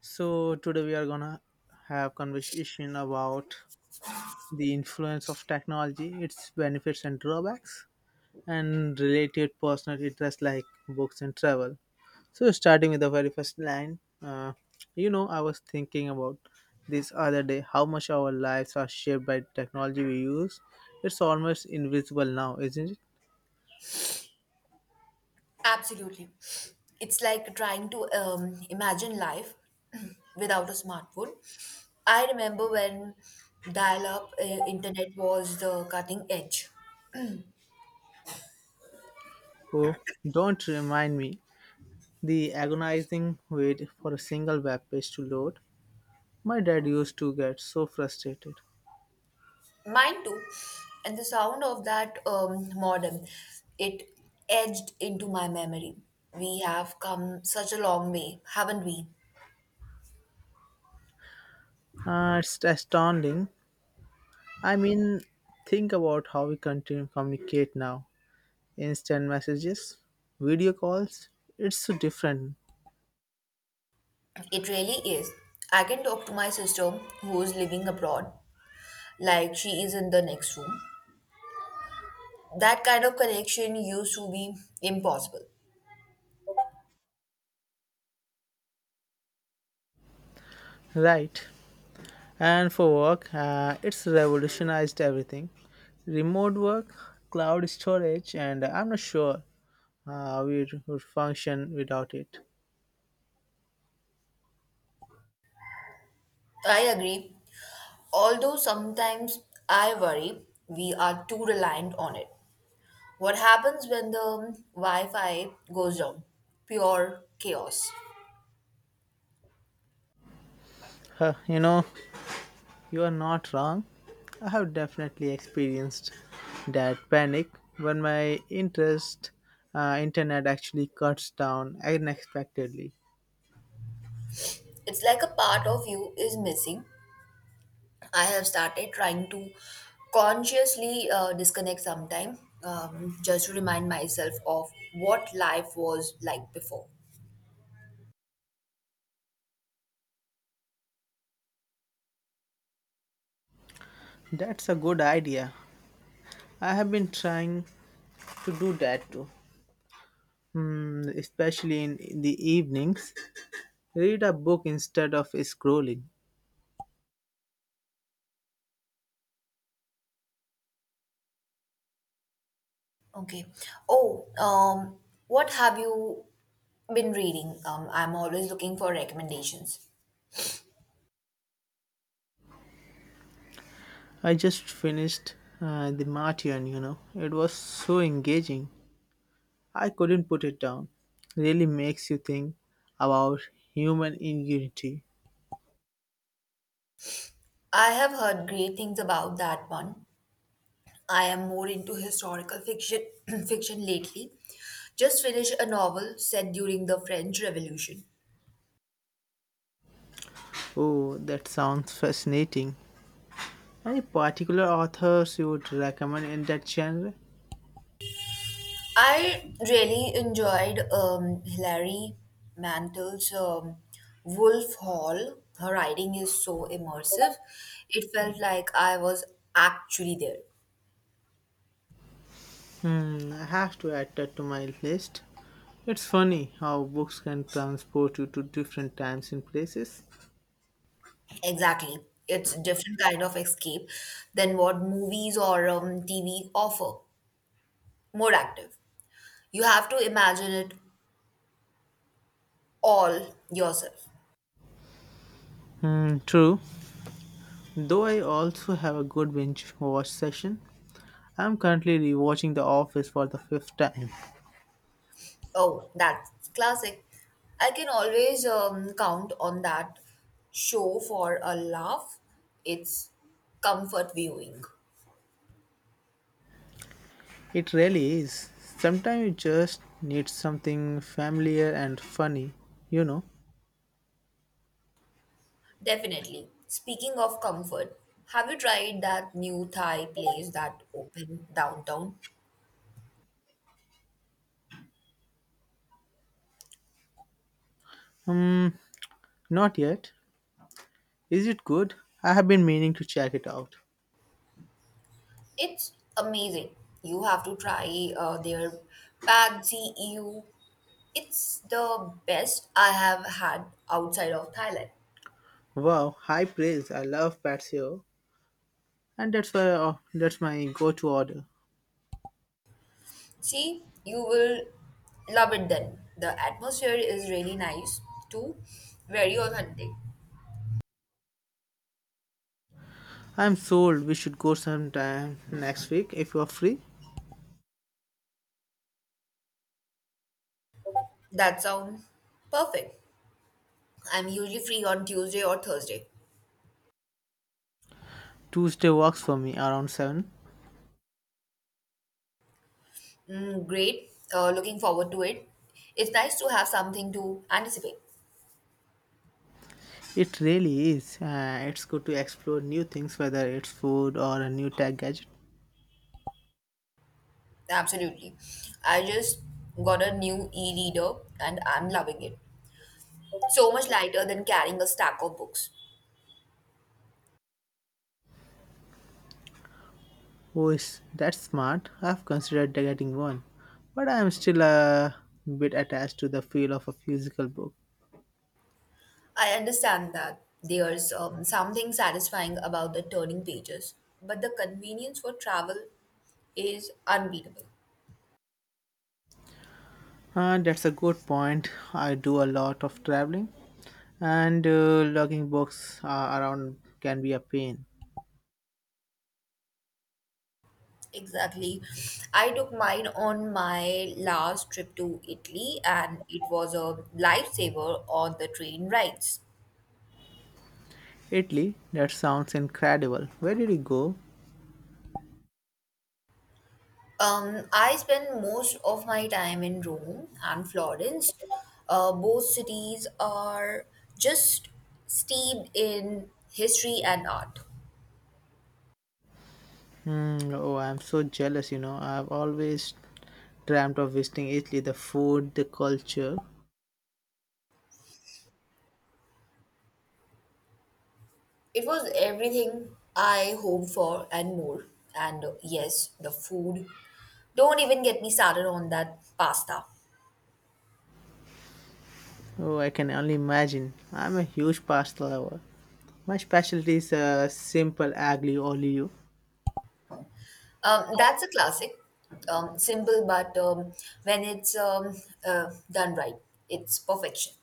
So today we are gonna have conversation about the influence of technology, its benefits and drawbacks, and related personal interests like books and travel. So starting with the very first line, I was thinking about this other day how much our lives are shaped by technology we use. It's almost invisible now, isn't it? Absolutely. It's like trying to imagine life without a smartphone. I remember when dial up internet was the cutting edge. Oh, don't remind me the agonizing wait for a single web page to load. My dad used to get so frustrated. Mine too. And the sound of that modem, it edged into my memory. We have come such a long way, haven't we? It's astounding. I mean, think about how we continue to communicate now. Instant messages, video calls, it's so different, It really is. I can talk to my sister who is living abroad, like she is in the next room. That kind of connection used to be impossible. right? And for work, it's revolutionized everything. Remote work, cloud storage, and I'm not sure we would function without it. I agree. Although sometimes I worry we are too reliant on it. What happens when the Wi Fi goes down? Pure chaos. Huh, you know, you are not wrong. I have definitely experienced that panic when my interest internet actually cuts down unexpectedly. It's like a part of you is missing. I have started trying to consciously disconnect sometime just to remind myself of what life was like before. That's a good idea. I have been trying to do that too. Especially in the evenings, read a book instead of scrolling. Okay. Oh, um, what have you Been reading. I'm always looking for recommendations. I just finished The Martian, you know. It was so engaging. I couldn't put it down. Really makes you think about human ingenuity. I have heard great things about that one. I am more into historical fiction fiction lately. Just finished a novel set during the French Revolution. Oh, that sounds fascinating. Any particular authors you would recommend in that genre? I really enjoyed Hilary Mantel's Wolf Hall. Her writing is so immersive. It felt like I was actually there. Hmm, I have to add that to my list. It's funny how books can transport you to different times and places. Exactly. It's a different kind of escape than what movies or TV offer. More active. You have to imagine it all yourself. Hmm, true. Though I also have a good binge watch session. I'm currently rewatching The Office for the fifth time. Oh, that's classic. I can always count on that show for a laugh. It's comfort viewing. It really is. Sometimes you just need something familiar and funny, you know. Definitely. Speaking of comfort, have you tried that new Thai place that opened downtown? Hmm, not yet. Is it good? I have been meaning to check it out. It's amazing. You have to try their Pak EU. It's the best I have had outside of Thailand. Wow, high praise. I love patio, and that's why oh, that's my go-to order. See, you will love it then. The atmosphere is really nice too, very authentic. I'm sold. We should go sometime next week if you're free. That sounds perfect. I'm usually free on Tuesday or Thursday. Tuesday works for me around 7. Mm, great. Looking forward to it. It's nice to have something to anticipate. It really is. It's good to explore new things whether it's food or a new tech gadget. Absolutely. I just got a new e-reader and I'm loving it. So much lighter than carrying a stack of books. Oh, is that smart? I've considered getting one, but I am still a bit attached to the feel of a physical book. I understand that there's something satisfying about the turning pages, but the convenience for travel is unbeatable. And that's a good point. I do a lot of traveling, and lugging books around can be a pain. Exactly. I took mine on my last trip to Italy and it was a lifesaver on the train rides. Italy, that sounds incredible. Where did you go? I spend most of my time in Rome and Florence. Both cities are just steeped in history and art. Hmm. Oh, I'm so jealous, you know. I've always dreamt of visiting Italy, the food, the culture. It was everything I hoped for and more. And yes, the food. Don't even get me started on that pasta. Oh, I can only imagine. I'm a huge pasta lover. My specialty is simple aglio olio. That's a classic. Simple, but when it's done right, it's perfection.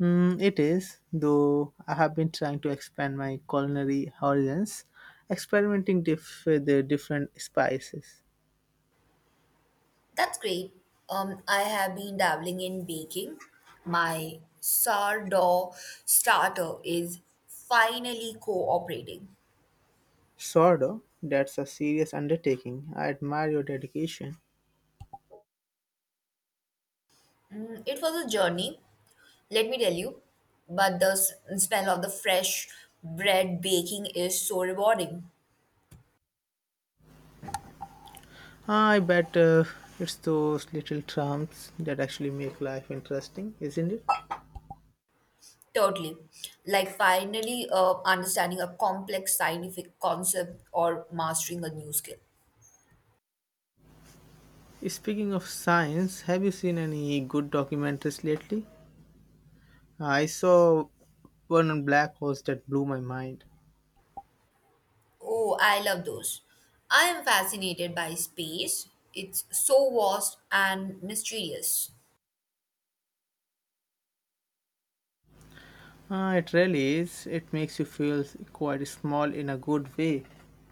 Mm, it is, though I have been trying to expand my culinary horizons, with the different spices. That's great. I have been dabbling in baking. My sourdough starter is finally cooperating. Sort of. That's a serious undertaking. I admire your dedication. Mm, it was a journey, let me tell you, but the smell of the fresh bread baking is so rewarding. I bet it's those little trumps that actually make life interesting, isn't it? Totally. Like finally understanding a complex scientific concept or mastering a new skill. Speaking of science, have you seen any good documentaries lately? I saw one on black holes that blew my mind. Oh, I love those. I am fascinated by space. It's so vast and mysterious. Ah, it really is. It makes you feel quite small in a good way,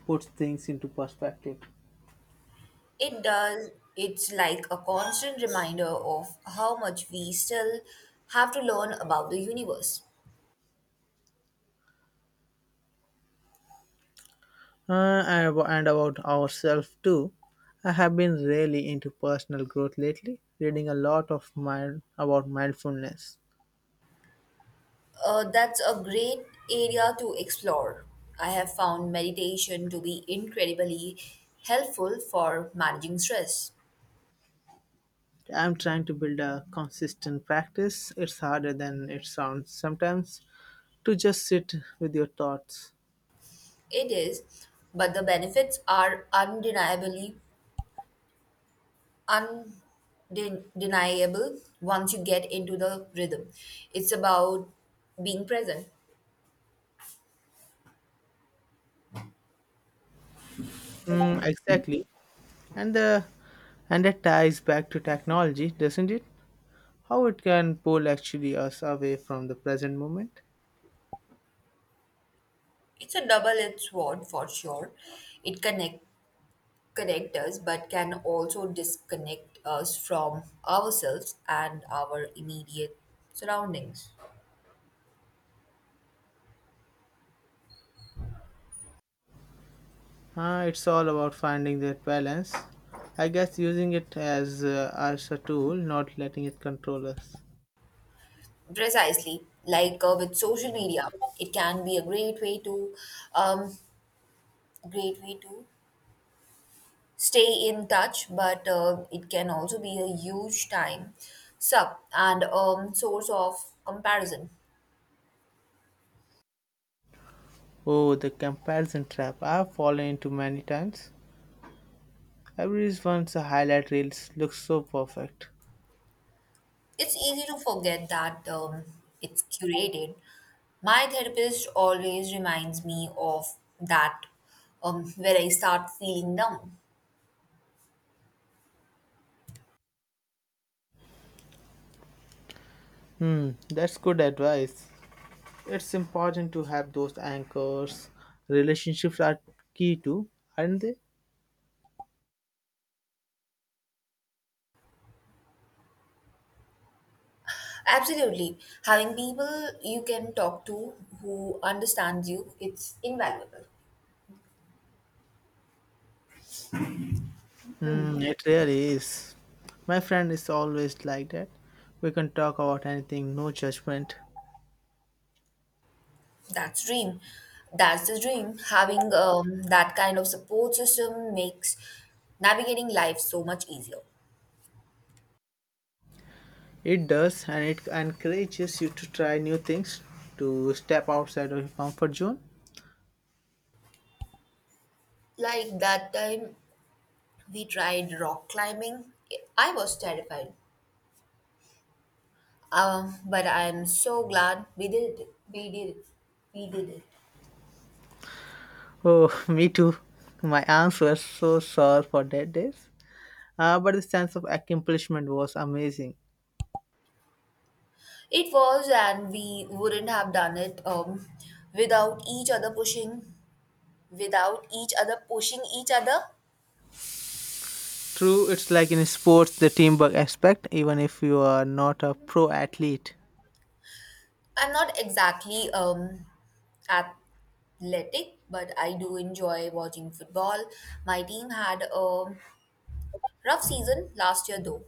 puts things into perspective. It does, it's like a constant reminder of how much we still have to learn about the universe. And abo- And about ourselves too. I have been really into personal growth lately, reading a lot of mind about mindfulness. That's a great area to explore. I have found meditation to be incredibly helpful for managing stress. I'm trying to build a consistent practice. It's harder than it sounds sometimes to just sit with your thoughts. It is, but the benefits are undeniably undeniable once you get into the rhythm. It's about being present. Mm, exactly. And the and that ties back to technology, doesn't it? How it can pull actually us away from the present moment. It's a double-edged sword for sure. It connect us, but can also disconnect us from ourselves and our immediate surroundings. It's all about finding that balance. I guess using it as as a tool, not letting it control us. Precisely, like with social media, it can be a great way to um, great way to stay in touch, but it can also be a huge time suck and source of comparison. Oh, the comparison trap! I've fallen into many times. Everyone's highlight reels looks so perfect. It's easy to forget that it's curated. My therapist always reminds me of that where I start feeling down. Hmm, that's good advice. It's important to have those anchors. Relationships are key too, aren't they? Absolutely, having people you can talk to who understands you, it's invaluable. Hmm, it really is. My friend is always like that. We can talk about anything, no judgment. That's dream. That's the dream. Having that kind of support system makes navigating life so much easier. It does, and it encourages you to try new things, to step outside of your comfort zone. Like that time we tried rock climbing. I was terrified. But I'm so glad We did it. Oh, me too. My arms were so sore for that days. But the sense of accomplishment was amazing. It was, and we wouldn't have done it without without each other pushing each other. True, it's like in sports, the teamwork aspect, even if you are not a pro athlete. I'm not exactly at athletic, but I do enjoy watching football. My team had a rough season last year, though.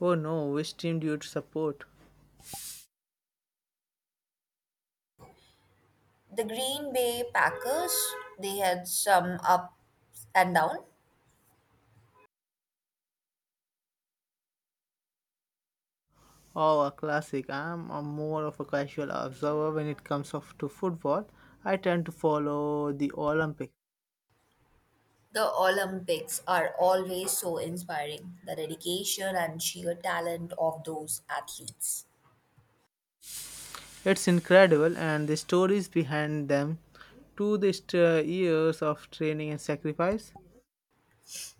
Oh no, which team do you support? The Green Bay Packers, they had some up and down. Oh, a classic. I'm a more of a casual observer when it comes of to football. I tend to follow the Olympics. The Olympics are always so inspiring. The dedication and sheer talent of those athletes. It's incredible, and the stories behind them years of training and sacrifice.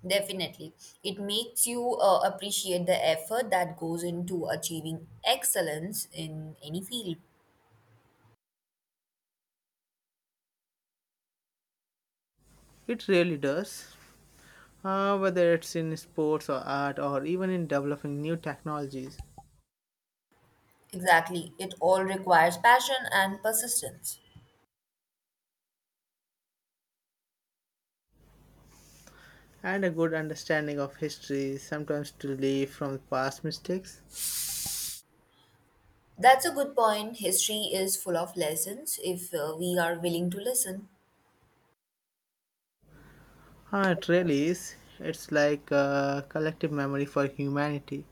Definitely. It makes you appreciate the effort that goes into achieving excellence in any field. It really does. Whether it's in sports or art or even in developing new technologies, Exactly. It all requires passion and persistence. and a good understanding of history, sometimes to learn from past mistakes. That's a good point. History is full of lessons if we are willing to listen. Ah, it really is. It's like a collective memory for humanity.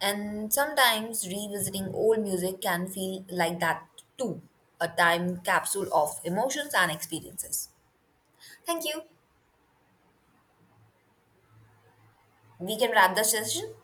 And sometimes revisiting old music can feel like that too, a time capsule of emotions and experiences. Thank you. We can wrap the session.